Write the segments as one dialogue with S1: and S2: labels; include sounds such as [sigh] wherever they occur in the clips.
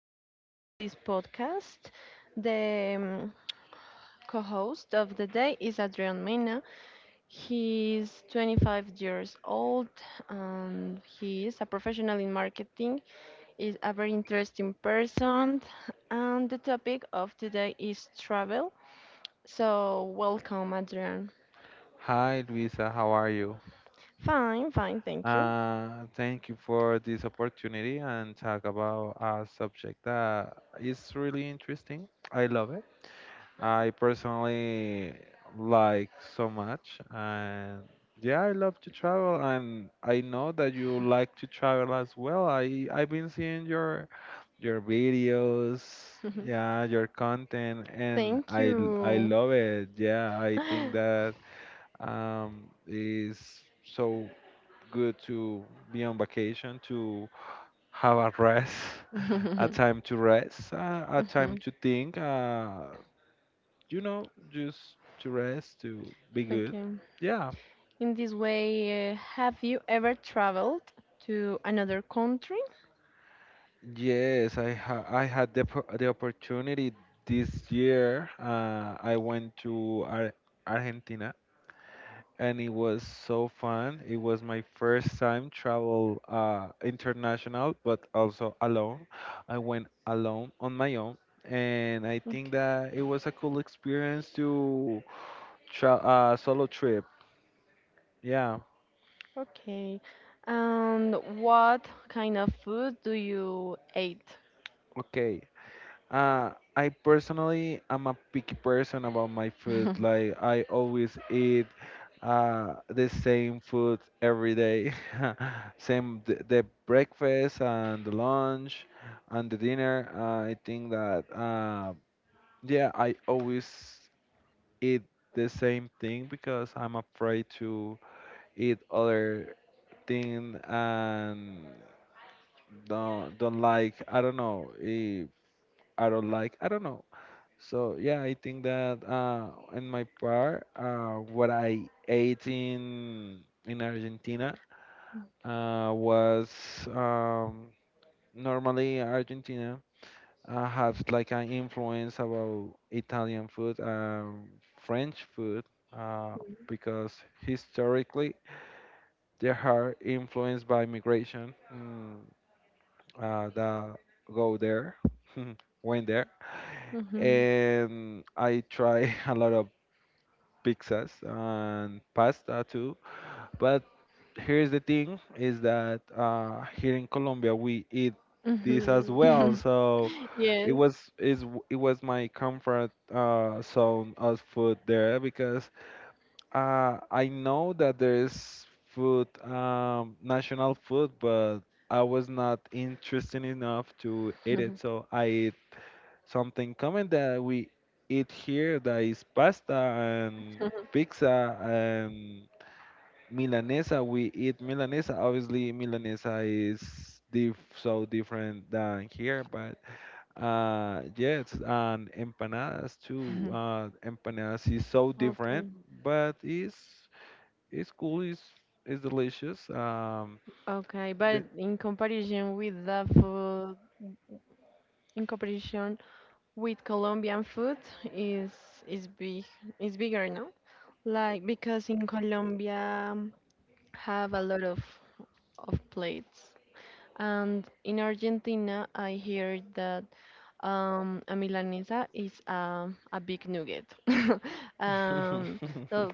S1: welcome to this podcast. The co host of the day is Adrian Mena. He's 25 years old and he is a professional in marketing, is a very interesting person, and the topic of today is travel. So, welcome, Adrian.
S2: Hi, Luisa. How are you?
S1: Fine, fine, thank you.
S2: Thank you for this opportunity and talk about a subject that is really interesting. I love it. I personally like so much, and yeah, I love to travel, and I know that you like to travel as well. I've been seeing your videos, yeah,
S1: [laughs]
S2: your content, and
S1: Thank
S2: I
S1: you.
S2: love it. Yeah, I think that
S1: [laughs]
S2: is so good to be on vacation, to have a rest, [laughs] a time
S1: [laughs]
S2: to rest, a time
S1: Mhm.
S2: to think, just to rest, to be good.
S1: Okay.
S2: Yeah.
S1: In this way, have you ever traveled to another country?
S2: Yes, I had the opportunity this year. I went to Ar Argentina and it was so fun. It was my first time travel international, but also alone. I went alone on my own, and I think
S1: Okay.
S2: that it was a cool experience to solo trip. Yeah.
S1: Okay. And what kind of food do you eat?
S2: Okay. I personally am a picky person about my food.
S1: [laughs]
S2: Like I always eat the same food every day. [laughs] Same the breakfast and the lunch and the dinner. I think that yeah, I always eat the same thing because I'm afraid to eat other thing and don't like. I don't know if I don't like. I don't know. So yeah, I think that in my part, what I ate in Argentina was um, normally Argentina has like an influence about Italian food, French food, uh, because historically they are influenced by migration that go there, [laughs] went there
S1: Mhm.
S2: and I try [laughs] a lot of pizzas and pasta too. But here's the thing: is that here in Colombia we eat
S1: Mhm.
S2: this as well.
S1: [laughs]
S2: So
S1: Yes.
S2: it was is it was my comfort zone of food there because I know that there's food, national food, but I was not interested enough to eat it.
S1: [laughs]
S2: So I something common that we eat here that is pasta and pizza and milanesa. We eat milanesa. Obviously, milanesa is diff so different than here, but yes, and empanadas too. Empanadas is so different,
S1: Okay.
S2: but it's cool. It's delicious.
S1: Okay,
S2: The-
S1: but in comparison with the food, in comparison with Colombian food is is big is bigger, no? Like because in Colombia have a lot of plates, and in Argentina I hear that a milanesa is a big nugget. [laughs] um, so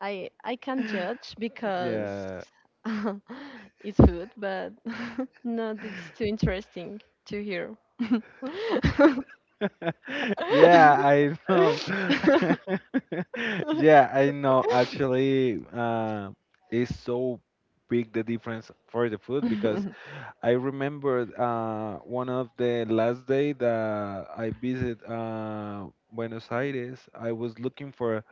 S1: I can't judge
S2: [laughs] [laughs]
S1: because
S2: yeah.
S1: [laughs] it's food, but [laughs] no, it's too interesting to hear. [laughs]
S2: [laughs] Yeah,
S1: [laughs]
S2: I know. [laughs] Yeah, I know. Actually, it's so big the difference for the food because I remember one of the last day that I visit Buenos Aires, I was looking for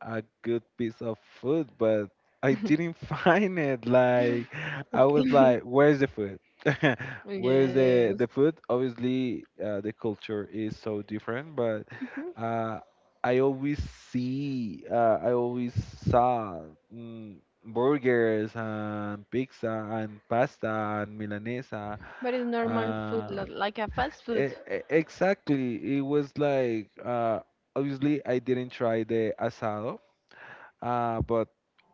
S2: a good piece of food, but I didn't [laughs] find it. Like I
S1: Okay.
S2: was like, where's the food? [laughs] Where's the
S1: Yes.
S2: the food? Obviously, the culture is so different, but
S1: Mhm.
S2: uh, I always saw mm, burgers and pizza and pasta and milanesa.
S1: But it's normal food,
S2: Uh,
S1: like a fast food.
S2: exactly, it was like obviously I didn't try the asado but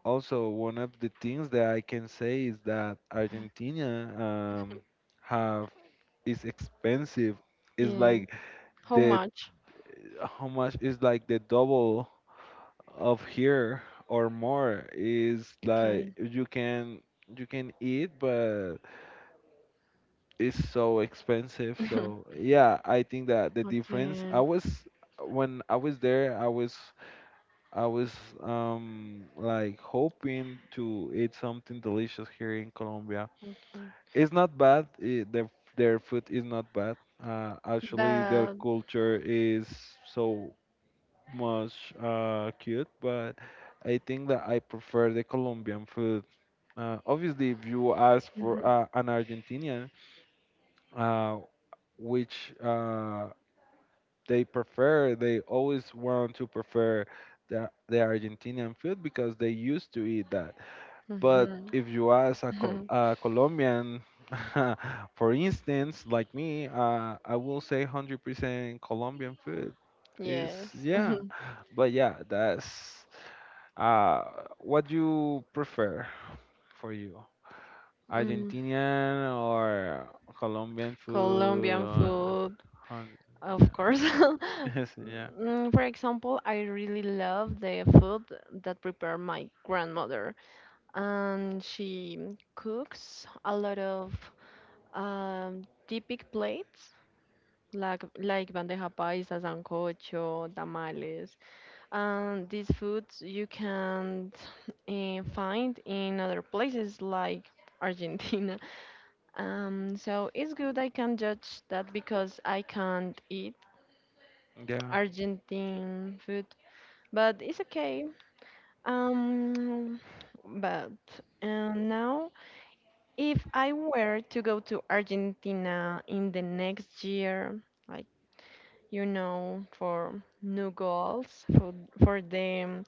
S2: also one of the things that I can say is that Argentina um, have is expensive. It's
S1: Yeah.
S2: like
S1: How
S2: the
S1: much?
S2: how much is like the double of here, or more. Is
S1: Okay.
S2: like you can eat, but it's so expensive. So
S1: [laughs]
S2: yeah, I think that the difference,
S1: Okay.
S2: I was when I was there, I was like hoping to eat something delicious here in Colombia.
S1: Okay.
S2: It's not bad. It, their food is not bad. Actually, their
S1: But.
S2: culture is so much cute, but I think that I prefer the Colombian food. Obviously, if you ask for
S1: Mhm.
S2: an Argentinian, uh, which they prefer, they always want to prefer the Argentinian food because they used to eat. But
S1: Mhm.
S2: if you ask a, Col-
S1: [laughs]
S2: a Colombian, [laughs] for instance, like me, I will say 100% Colombian food is,
S1: Yes. [laughs]
S2: yeah. But yeah, that's uh, what you prefer for you,
S1: Mm.
S2: Argentinian or Colombian food?
S1: Colombian food,
S2: Hun- yeah.
S1: of course.
S2: [laughs] Yes,
S1: [laughs]
S2: yeah.
S1: Mm, for example, I really love the food that prepared my grandmother, and she cooks a lot of typic plates like bandeja paisa, sancocho, tamales, and these foods you can't find in other places like Argentina. [laughs] So it's good I can judge that because I can't eat
S2: Yeah.
S1: Argentine food, but it's okay. Um, but now, if I were to go to Argentina in the next year, like you know, for new goals for the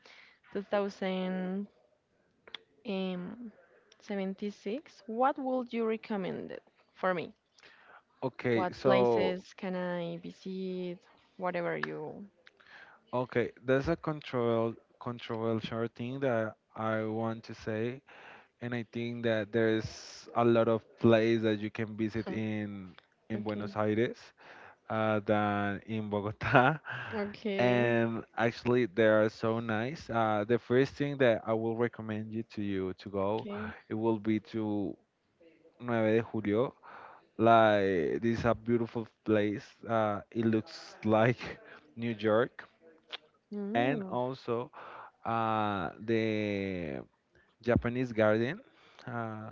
S1: 2076, what would you recommend it for me?
S2: Okay,
S1: What
S2: so
S1: places can I visit? Whatever you.
S2: Okay, there's a control controversial thing that I want to say, and I think that there's a lot of places that you can visit
S1: [laughs]
S2: in
S1: Okay.
S2: Buenos Aires than in Bogota, [laughs]
S1: Okay.
S2: and actually they are so nice. The first thing that I will recommend you to go,
S1: Okay.
S2: it will be to Nueve de Julio. Like this is a beautiful place. It looks like [laughs] New York, and
S1: Mm.
S2: also. The Japanese garden uh,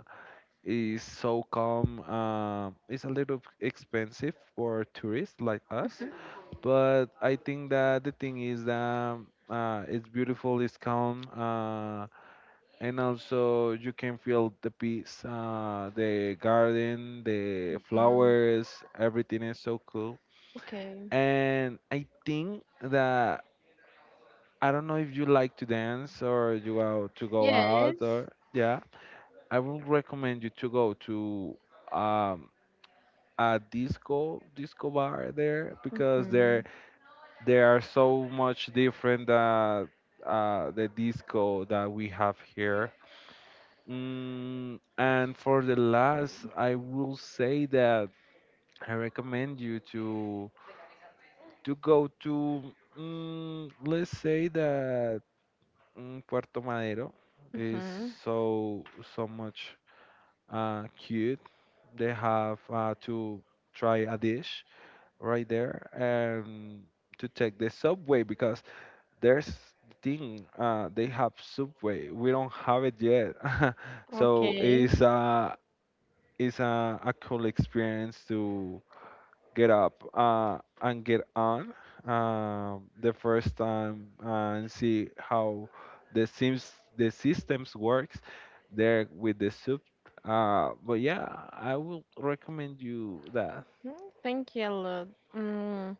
S2: is so calm. It's a little expensive for tourists like us,
S1: Mhm.
S2: but I think that the thing is that it's beautiful, it's calm, and also you can feel the peace. The garden, the
S1: Mhm.
S2: flowers, everything is so cool.
S1: Okay.
S2: And I think that I don't know if you like to dance or you out to go out
S1: Yes.
S2: or yeah. I would recommend you to go to um, a disco bar there because they're
S1: Mhm.
S2: they are so much different than the disco that we have here. And for the last, I will say that I recommend you to go to let's say that Puerto Madero is
S1: Mhm.
S2: so so much cute. They have to try a dish right there and to take the subway because there's thing they have subway. We don't have it yet, [laughs] so
S1: Okay.
S2: it's a cool experience to get up and get on the first time and see how the sims the systems works there with the soup. But yeah, I will recommend you that.
S1: Mm, thank you a lot. Mm.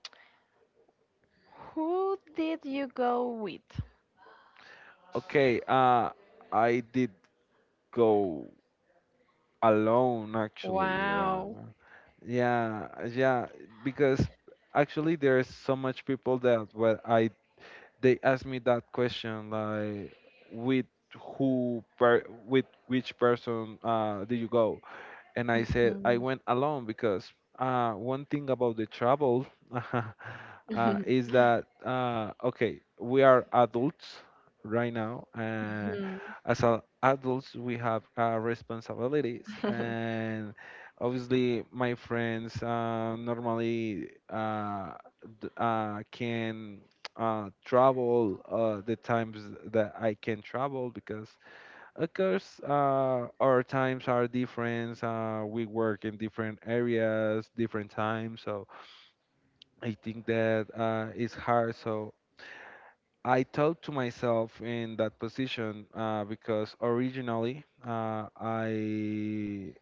S1: Who did you go with?
S2: Okay, I did go alone actually. Yeah,
S1: Wow.
S2: yeah, yeah. Because actually, there's so much people that what I they asked me that question like with with which person do you go, and I said I
S1: Mhm.
S2: went alone because one thing about the travel [laughs]
S1: Mhm.
S2: is that okay, we are adults right now, and adults we have responsibilities,
S1: [laughs]
S2: and obviously my friends normally can. Travel the times that I can travel because of course, our times are different. We work in different areas, different times. So I think that it's hard. So I talk to myself in that position because originally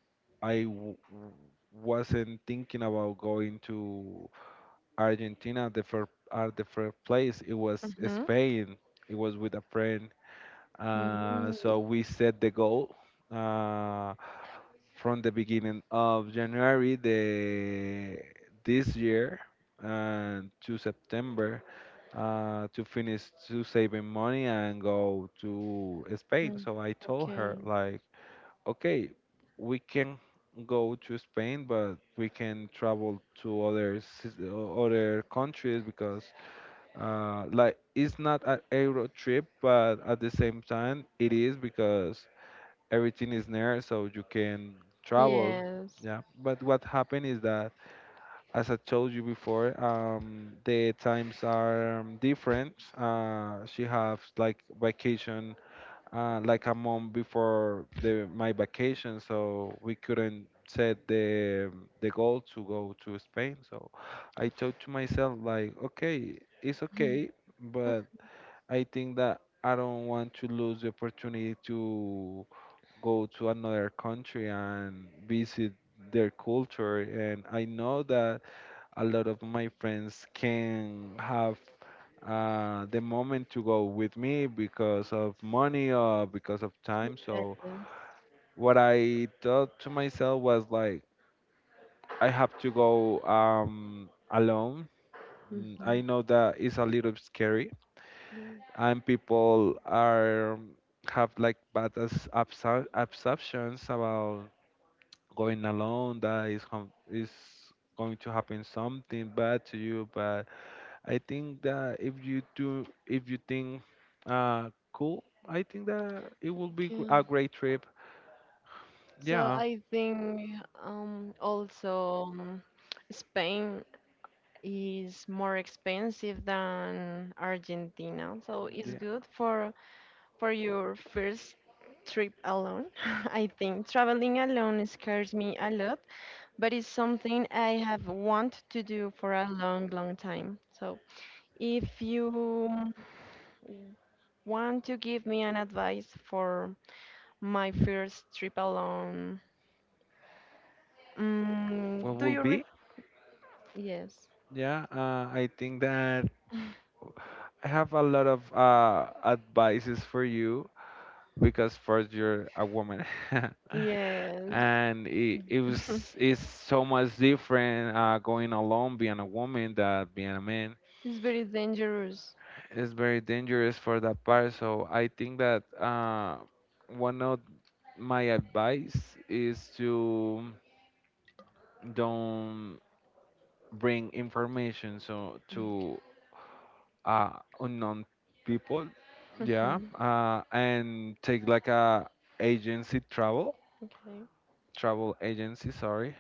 S2: I w- wasn't thinking about going to Argentina. The first place it was
S1: Mhm.
S2: Spain. It was with a friend.
S1: Mhm.
S2: So we set the goal. Uh, from the beginning of January the this year and to September to finish to saving money and go to Spain.
S1: Mhm.
S2: So I told her
S1: Okay.
S2: like, okay, we can go to Spain, but we can travel to other countries because like it's not an Euro trip, but at the same time it is because everything is there so you can travel.
S1: Yes.
S2: Yeah, but what happened is that, as I told you before, the times are different. She has like vacation like a month before the my vacation, so we couldn't set the goal to go to Spain. So I thought to myself like, okay, it's
S1: [laughs] Mhm.
S2: okay, but I think that I don't want to lose the opportunity to go to another country and visit their culture. And I know that a lot of my friends can have the moment to go with me because of money or because of time.
S1: Yes.
S2: So what I thought to myself was like, I have to go alone. I
S1: Mhm.
S2: know that it's a little scary,
S1: Yeah.
S2: and people are have like bad absorptions about going alone, that is is going to happen something bad to you, but I think that if you do if you think cool, I think that it will be
S1: Yeah.
S2: a great trip.
S1: So
S2: Yeah,
S1: I think also Spain is more expensive than Argentina, so it's
S2: yeah.
S1: good for your first trip alone. [laughs] I think traveling alone scares me a lot, but it's something I have want to do for a long, long time. So if you want to give me an advice for my first trip alone.
S2: What
S1: Mm, do
S2: will
S1: you
S2: be?
S1: Yes.
S2: Yeah, I think that I have a lot of advices for you because first you're a woman [laughs]
S1: Yes.
S2: and it, it
S1: [laughs]
S2: was it's so much different going alone being a woman than being a man.
S1: It's very dangerous. [laughs]
S2: It's very dangerous for that part, so I think that one of my advice is to don't bring information so to uh, unknown people.
S1: Mm.
S2: Yeah,
S1: Mhm.
S2: and take like a agency travel,
S1: Okay.
S2: travel agency, sorry.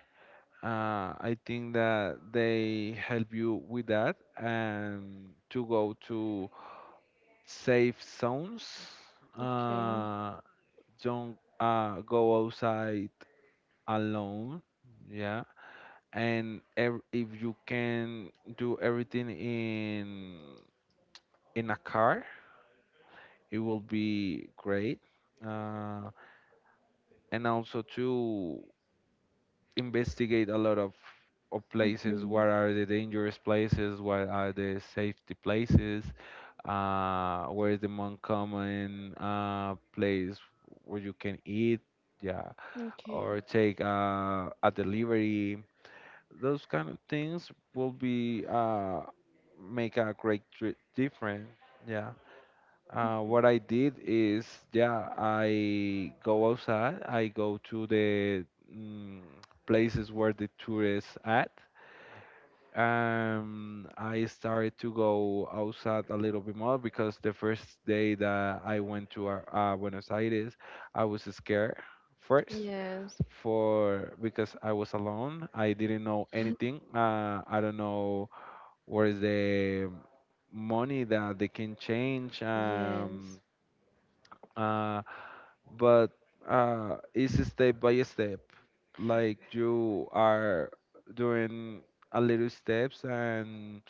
S2: I think that they help you with that and to go to safe zones.
S1: Okay.
S2: Uh, don't go outside alone. Yeah. And ev if you can do everything in a car, it will be great. Uh, and also to investigate a lot of places.
S1: Mhm.
S2: What are the dangerous places? What are the safety places? Where is the most common place where you can eat? Yeah,
S1: Okay.
S2: or take a delivery. Those kind of things will be make a great difference. Yeah.
S1: Mhm.
S2: What I did is, yeah, I go outside. I go to the mm, places where the tourists at. I started to go outside a little bit more because the first day that I went to Buenos Aires, I was scared first,
S1: Yes.
S2: for because I was alone. I didn't know anything. I don't know where is the money that they can change.
S1: Yes.
S2: Uh, but it's step by step. Like you are doing a little steps, and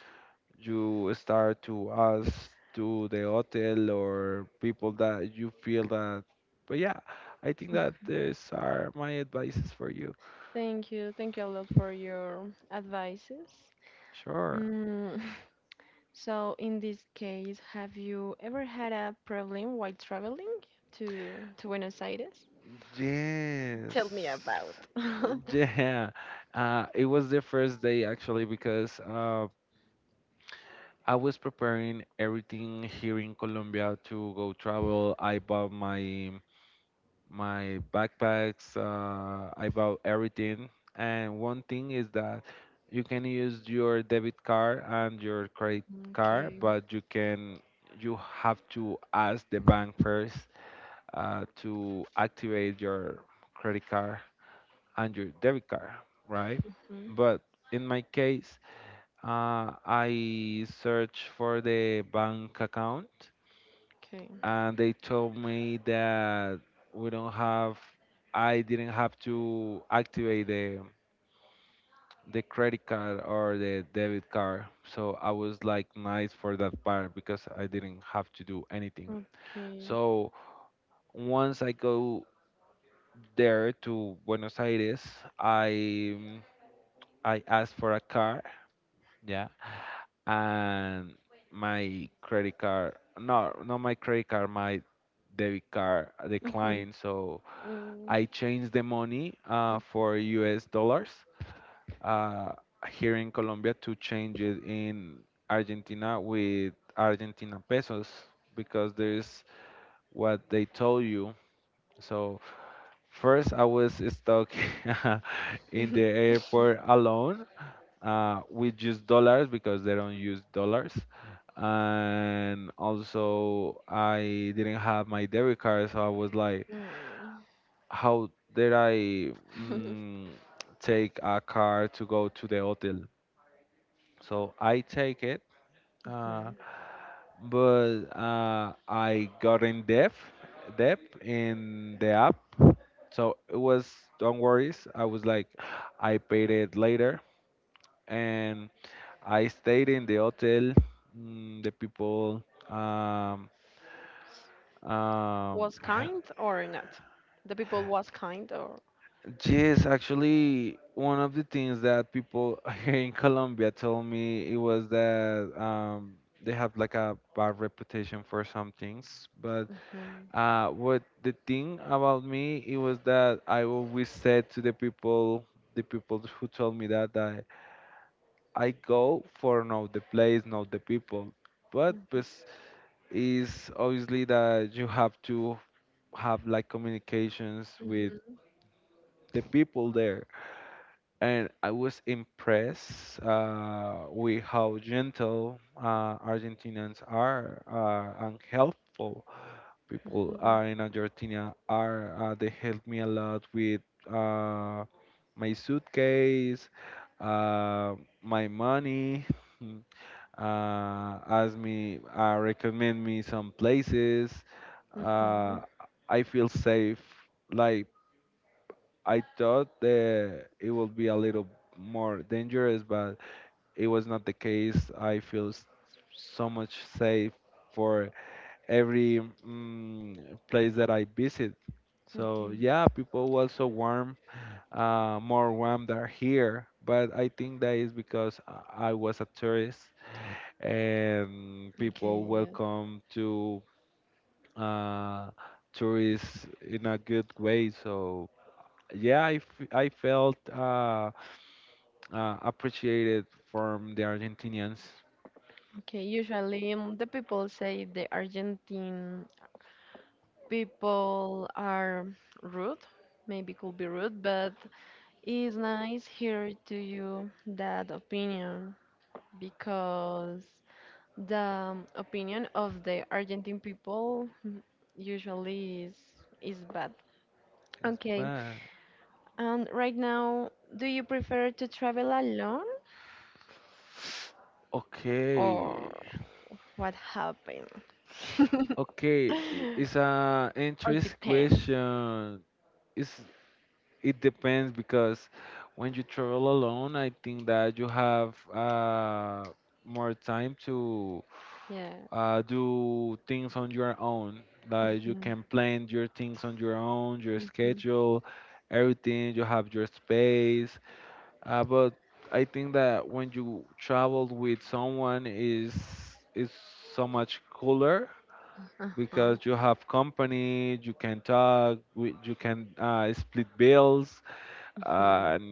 S2: you start to ask to the hotel or people that you feel that. But yeah, I think that these are my advices for you.
S1: Thank you. Thank you a lot for your advices.
S2: Sure.
S1: Mm, so, in this case, have you ever had a problem while traveling to to Buenos Aires?
S2: Yes.
S1: Tell
S2: [laughs]
S1: me about. [laughs]
S2: Yeah. It was the first day actually because I was preparing everything here in Colombia to go travel. I bought my backpacks. I bought everything. And one thing is that you can use your debit card and your credit card,
S1: Okay.
S2: but you have to ask the bank first to activate your credit card and your debit card, right?
S1: Mhm.
S2: But in my case, I searched for the bank account,
S1: Okay.
S2: and they told me that we don't have, I didn't have to activate the credit card or the debit card. So I was like nice for that part because I didn't have to do anything.
S1: Okay.
S2: So once I go there to Buenos Aires, I I asked for a car. Yeah. And my credit card no not my credit card my debit card
S1: Mhm.
S2: declined. So
S1: Mm.
S2: I changed the money for US dollars uh, here in Colombia to change it in Argentina with Argentina pesos, because there's what they told you. So first I was stuck [laughs] in the
S1: Mhm.
S2: airport alone. We use dollars because they don't use dollars. And also, I didn't have my debit card, so I was like,
S1: Mm.
S2: how did I
S1: [laughs]
S2: mm, take a car to go to the hotel? So I take it, uh,
S1: Mhm.
S2: but I got in debt, debt in the app. So it was, don't worries. I was like, I paid it later, and I stayed in the hotel. The people, um, um,
S1: Was
S2: [sighs]
S1: kind or not? The people was kind or.
S2: yes, actually, one of the things that people [laughs] here in Colombia told me, it was that they have like a bad reputation for some things. But
S1: Mhm.
S2: what the thing about me, it was that I always said to the people who told me that I go for know the place, know the people. But pues is obviously that you have to have like communications with
S1: Mhm.
S2: the people there. And I was impressed with how gentle Argentinians are, and helpful people
S1: Mhm.
S2: are in Argentina are. They helped me a lot with uh, my suitcase, uh, my money. [laughs] Ask me, recommend me some places. Uh,
S1: Mhm.
S2: I feel safe. Like I thought that it would be a little more dangerous, but it was not the case. I feel so much safe for every place that I visit. So
S1: Okay.
S2: yeah, people were so warm, more warm than here. But I think that is because I was a tourist, and people
S1: Okay. Yeah.
S2: welcome to uh, tourists in a good way. So yeah, I felt appreciated from the Argentinians.
S1: Okay, usually the people say the Argentine people are rude, maybe could be rude, but it's nice hear to you that opinion because the opinion of the Argentine people mm, usually is bad.
S2: Yes.
S1: Okay,
S2: But
S1: and right now, do you prefer to travel alone
S2: okay,
S1: or what happened? [laughs]
S2: okay, it's a
S1: Or
S2: interest
S1: depends.
S2: question. It's it depends because when you travel alone, I think that you have uh, more time to
S1: Yeah.
S2: do things on your own. Like you
S1: Mm.
S2: can plan your things on your own, your
S1: Mhm.
S2: schedule, everything. You have your space. But I think that when you travel with someone is so much cooler
S1: Uh-huh.
S2: because you have company, you can talk, you can split bills.
S1: Mhm.
S2: And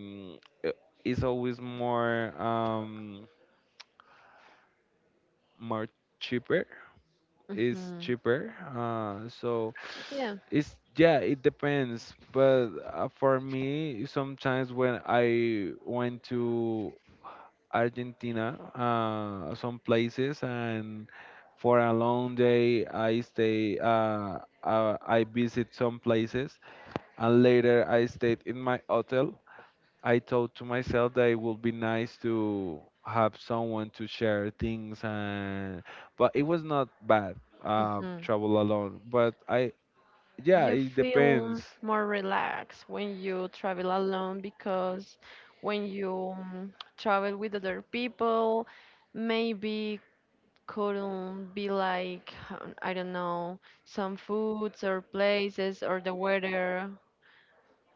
S2: i- it's always more more cheaper, is
S1: Mhm.
S2: cheaper. So
S1: Yeah.
S2: it's yeah, it depends. But for me, sometimes when I went to Argentina, some places, and for a long day, I stay. I visit some places, and later I stayed in my hotel. I thought to myself that it would be nice to have someone to share things, and but it was not bad
S1: Mhm.
S2: travel alone, but I, yeah,
S1: You
S2: it depends.
S1: feel more relaxed when you travel alone because when you travel with other people, maybe couldn't be like, I don't know, some foods or places or the weather.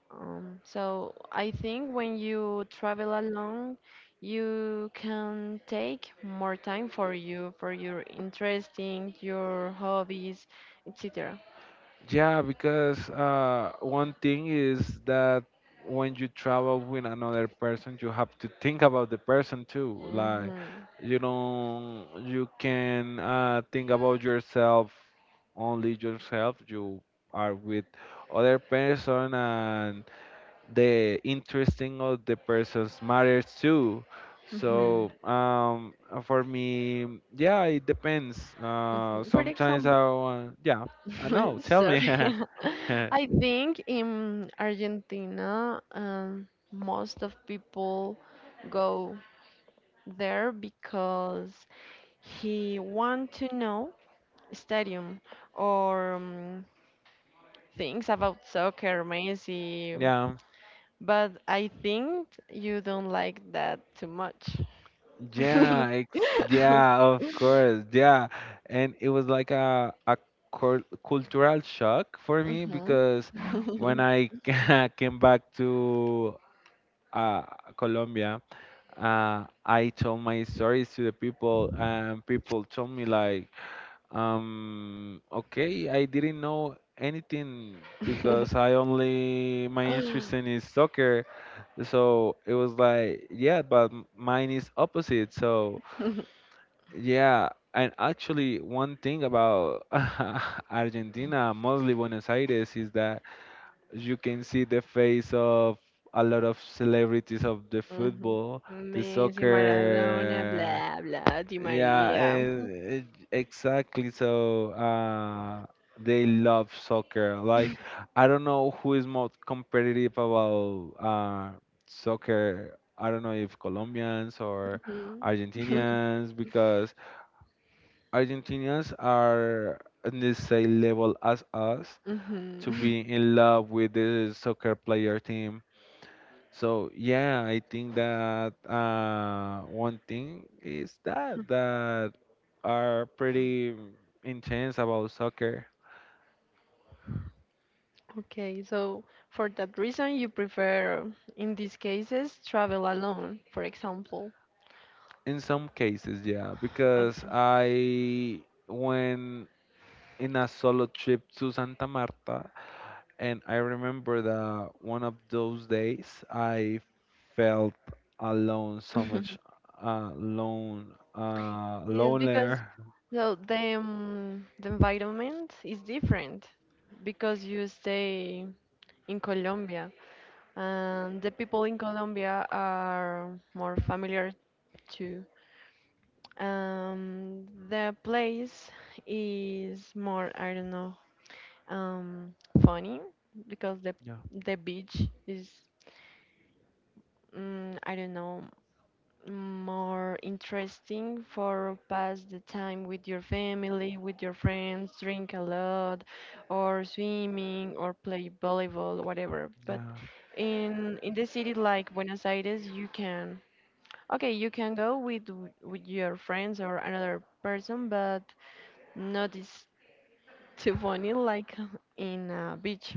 S1: So I think when you travel alone, you can take more time for you, for your interesting, your hobbies, etc.
S2: Yeah, because one thing is that when you travel with another person, you have to think about the person too. Like
S1: Mm-hmm.
S2: you know, you can think about yourself, only yourself. You are with other person, and the interesting of the persons matters too.
S1: Mm-hmm.
S2: So for me, yeah, it depends.
S1: Where
S2: Sometimes I want, yeah, I know.
S1: [laughs]
S2: Tell me.
S1: sorry.
S2: [laughs]
S1: [laughs] I think in Argentina, most of people go there because he want to know stadium or things about soccer, Messi,
S2: Yeah,
S1: but I think you don't like that too much.
S2: yeah, ex
S1: [laughs]
S2: yeah, of course, yeah, and it was like a cul cultural shock for me
S1: Mhm.
S2: because when I
S1: [laughs]
S2: [laughs] came back to uh, Colombia, I told my stories to the people, and people told me like, okay, I didn't know anything because I only my interest in is soccer. So it was like, yeah, but mine is opposite. So yeah, and actually, one thing about [laughs] Argentina, mostly Buenos Aires, is that you can see the face of a lot of celebrities of the
S1: Mhm.
S2: football, the
S1: Messi, Maradona,
S2: soccer.
S1: blah blah, Di
S2: Yeah,
S1: Maria.
S2: and exactly. So they love soccer. Like I don't know who is most competitive about soccer. I don't know if Colombians or
S1: Mhm. [laughs]
S2: Argentinians, because Argentinians are in the same level as us to
S1: Mhm.
S2: be in love with the soccer player team. So yeah, I think that one thing is that are pretty intense about soccer.
S1: Okay, so for that reason, you prefer, in these cases, travel alone, for example.
S2: In some cases, yeah, because
S1: Okay.
S2: I went in a solo trip to Santa Marta, and I remember that one of those days I felt alone so much,
S1: [laughs]
S2: alone,
S1: Yes, because
S2: lonelier.
S1: so the environment is different because you stay in Colombia and the people in Colombia are more familiar too. The place is more I don't know um funny because
S2: Yeah,
S1: the beach is mm, I don't know more interesting for pass the time with your family, with your friends, drink a lot, or swimming, or play volleyball, whatever.
S2: yeah.
S1: But in the city like Buenos Aires, you can okay, you can go with with your friends or another person, but not is too funny like [laughs] in a beach,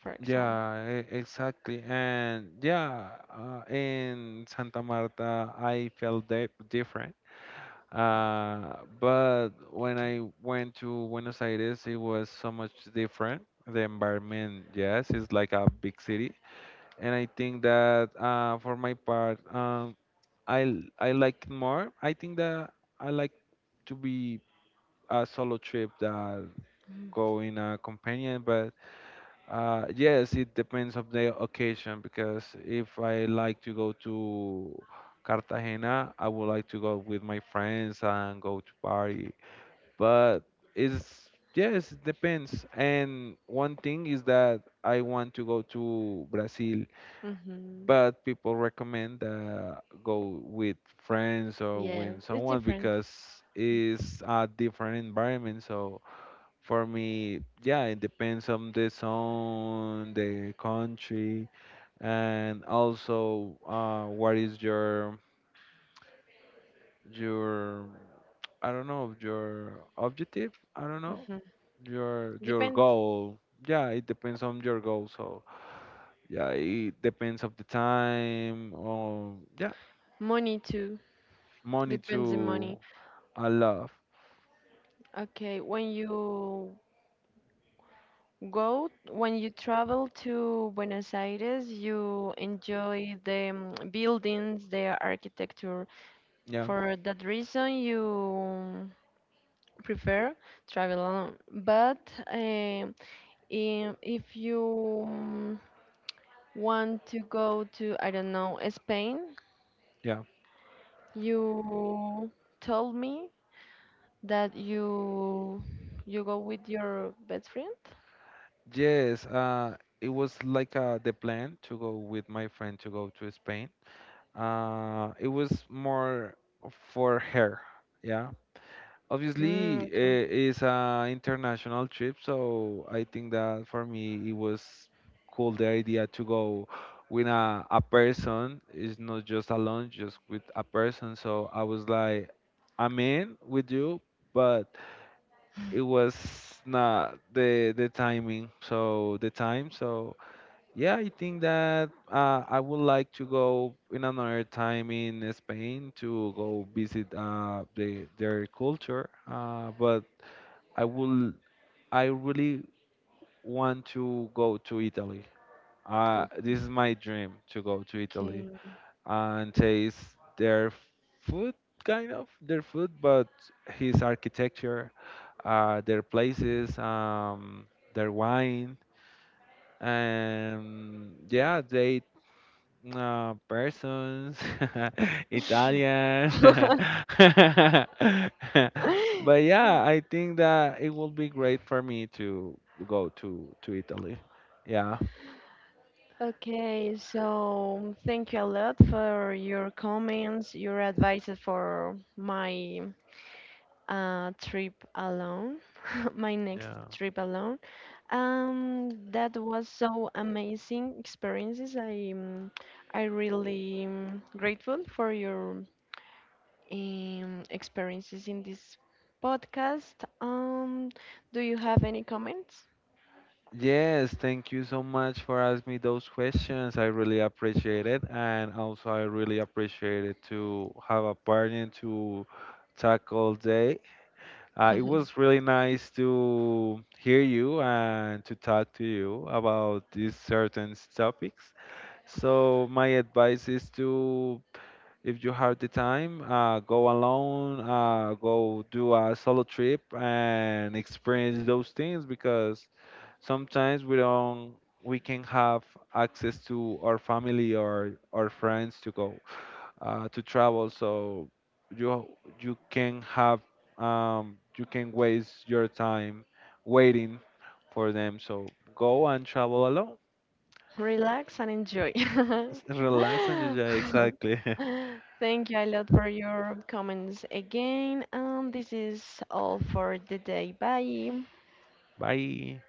S1: for example.
S2: Yeah, exactly. And yeah, in Santa Marta, I felt di different. But when I went to Buenos Aires, it was so much different. The environment, yes, it's like a big city. And I think that for my part, I like it more. I think that I like to be a solo trip that go in a companion, but yes, it depends of the occasion, because if I like to go to Cartagena, I would like to go with my friends and go to party. But it's yes, it depends. And one thing is that I want to go to Brazil,
S1: Mm-hmm.
S2: but people recommend go with friends or
S1: Yes,
S2: with
S1: it's
S2: someone
S1: different.
S2: because it's a different environment. So for me, yeah, it depends on the song, the country, and also what is your I don't know, your objective. I don't know
S1: Mm-hmm.
S2: your
S1: Depends
S2: goal. Yeah, it depends on your goal. So yeah, it depends of the time. Or yeah,
S1: money too.
S2: money
S1: Depends the
S2: to
S1: money.
S2: I love.
S1: Okay, when you go, when you travel to Buenos Aires, you enjoy the buildings, the architecture.
S2: Yeah,
S1: For that reason, you prefer travel alone. But um in, if you want to go to, I don't know, Spain,
S2: yeah.
S1: you told me that you go with your best friend?
S2: Yes, it was like the plan to go with my friend to go to Spain. It was more for her, yeah.
S1: Mm,
S2: Obviously,
S1: okay.
S2: it's an international trip, so I think that for me it was cool the idea to go with a person. It's not just alone, just with a person. So I was like, I'm in with you, but it was not the timing, so the time. So yeah, I think that I would like to go in another time in Spain to go visit their culture, but I will I really want to go to Italy. This is my dream, to go to Italy and taste their food, kind of their food, but his architecture, their places, their wine, and yeah, they, persons, [laughs] Italian.
S1: Okay.
S2: [laughs] But yeah, I
S1: [laughs]
S2: think that it would be great for me to go to Italy. Yeah.
S1: Okay, so thank you a lot for your comments, your advice for my trip alone, [laughs] my next
S2: Yeah.
S1: trip alone. That was so amazing experiences. I really grateful for your experiences in this podcast. Um, do you have any comments?
S2: Yes, thank you so much for asking me those questions. I really appreciate it, and also I really appreciate it to have a partner to tackle day. It
S1: [laughs]
S2: was really nice to hear you and to talk to you about these certain topics. So my advice is to, if you have the time, go alone, go do a solo trip and experience those things, because sometimes we don't, we can have access to our family or our friends to go to travel. So you you can have, you can waste your time waiting for them. So go and travel alone.
S1: Relax and enjoy. [laughs]
S2: Relax and enjoy exactly.
S1: Thank you a lot for your comments again. And this is all for the day. Bye.
S2: [laughs] Bye.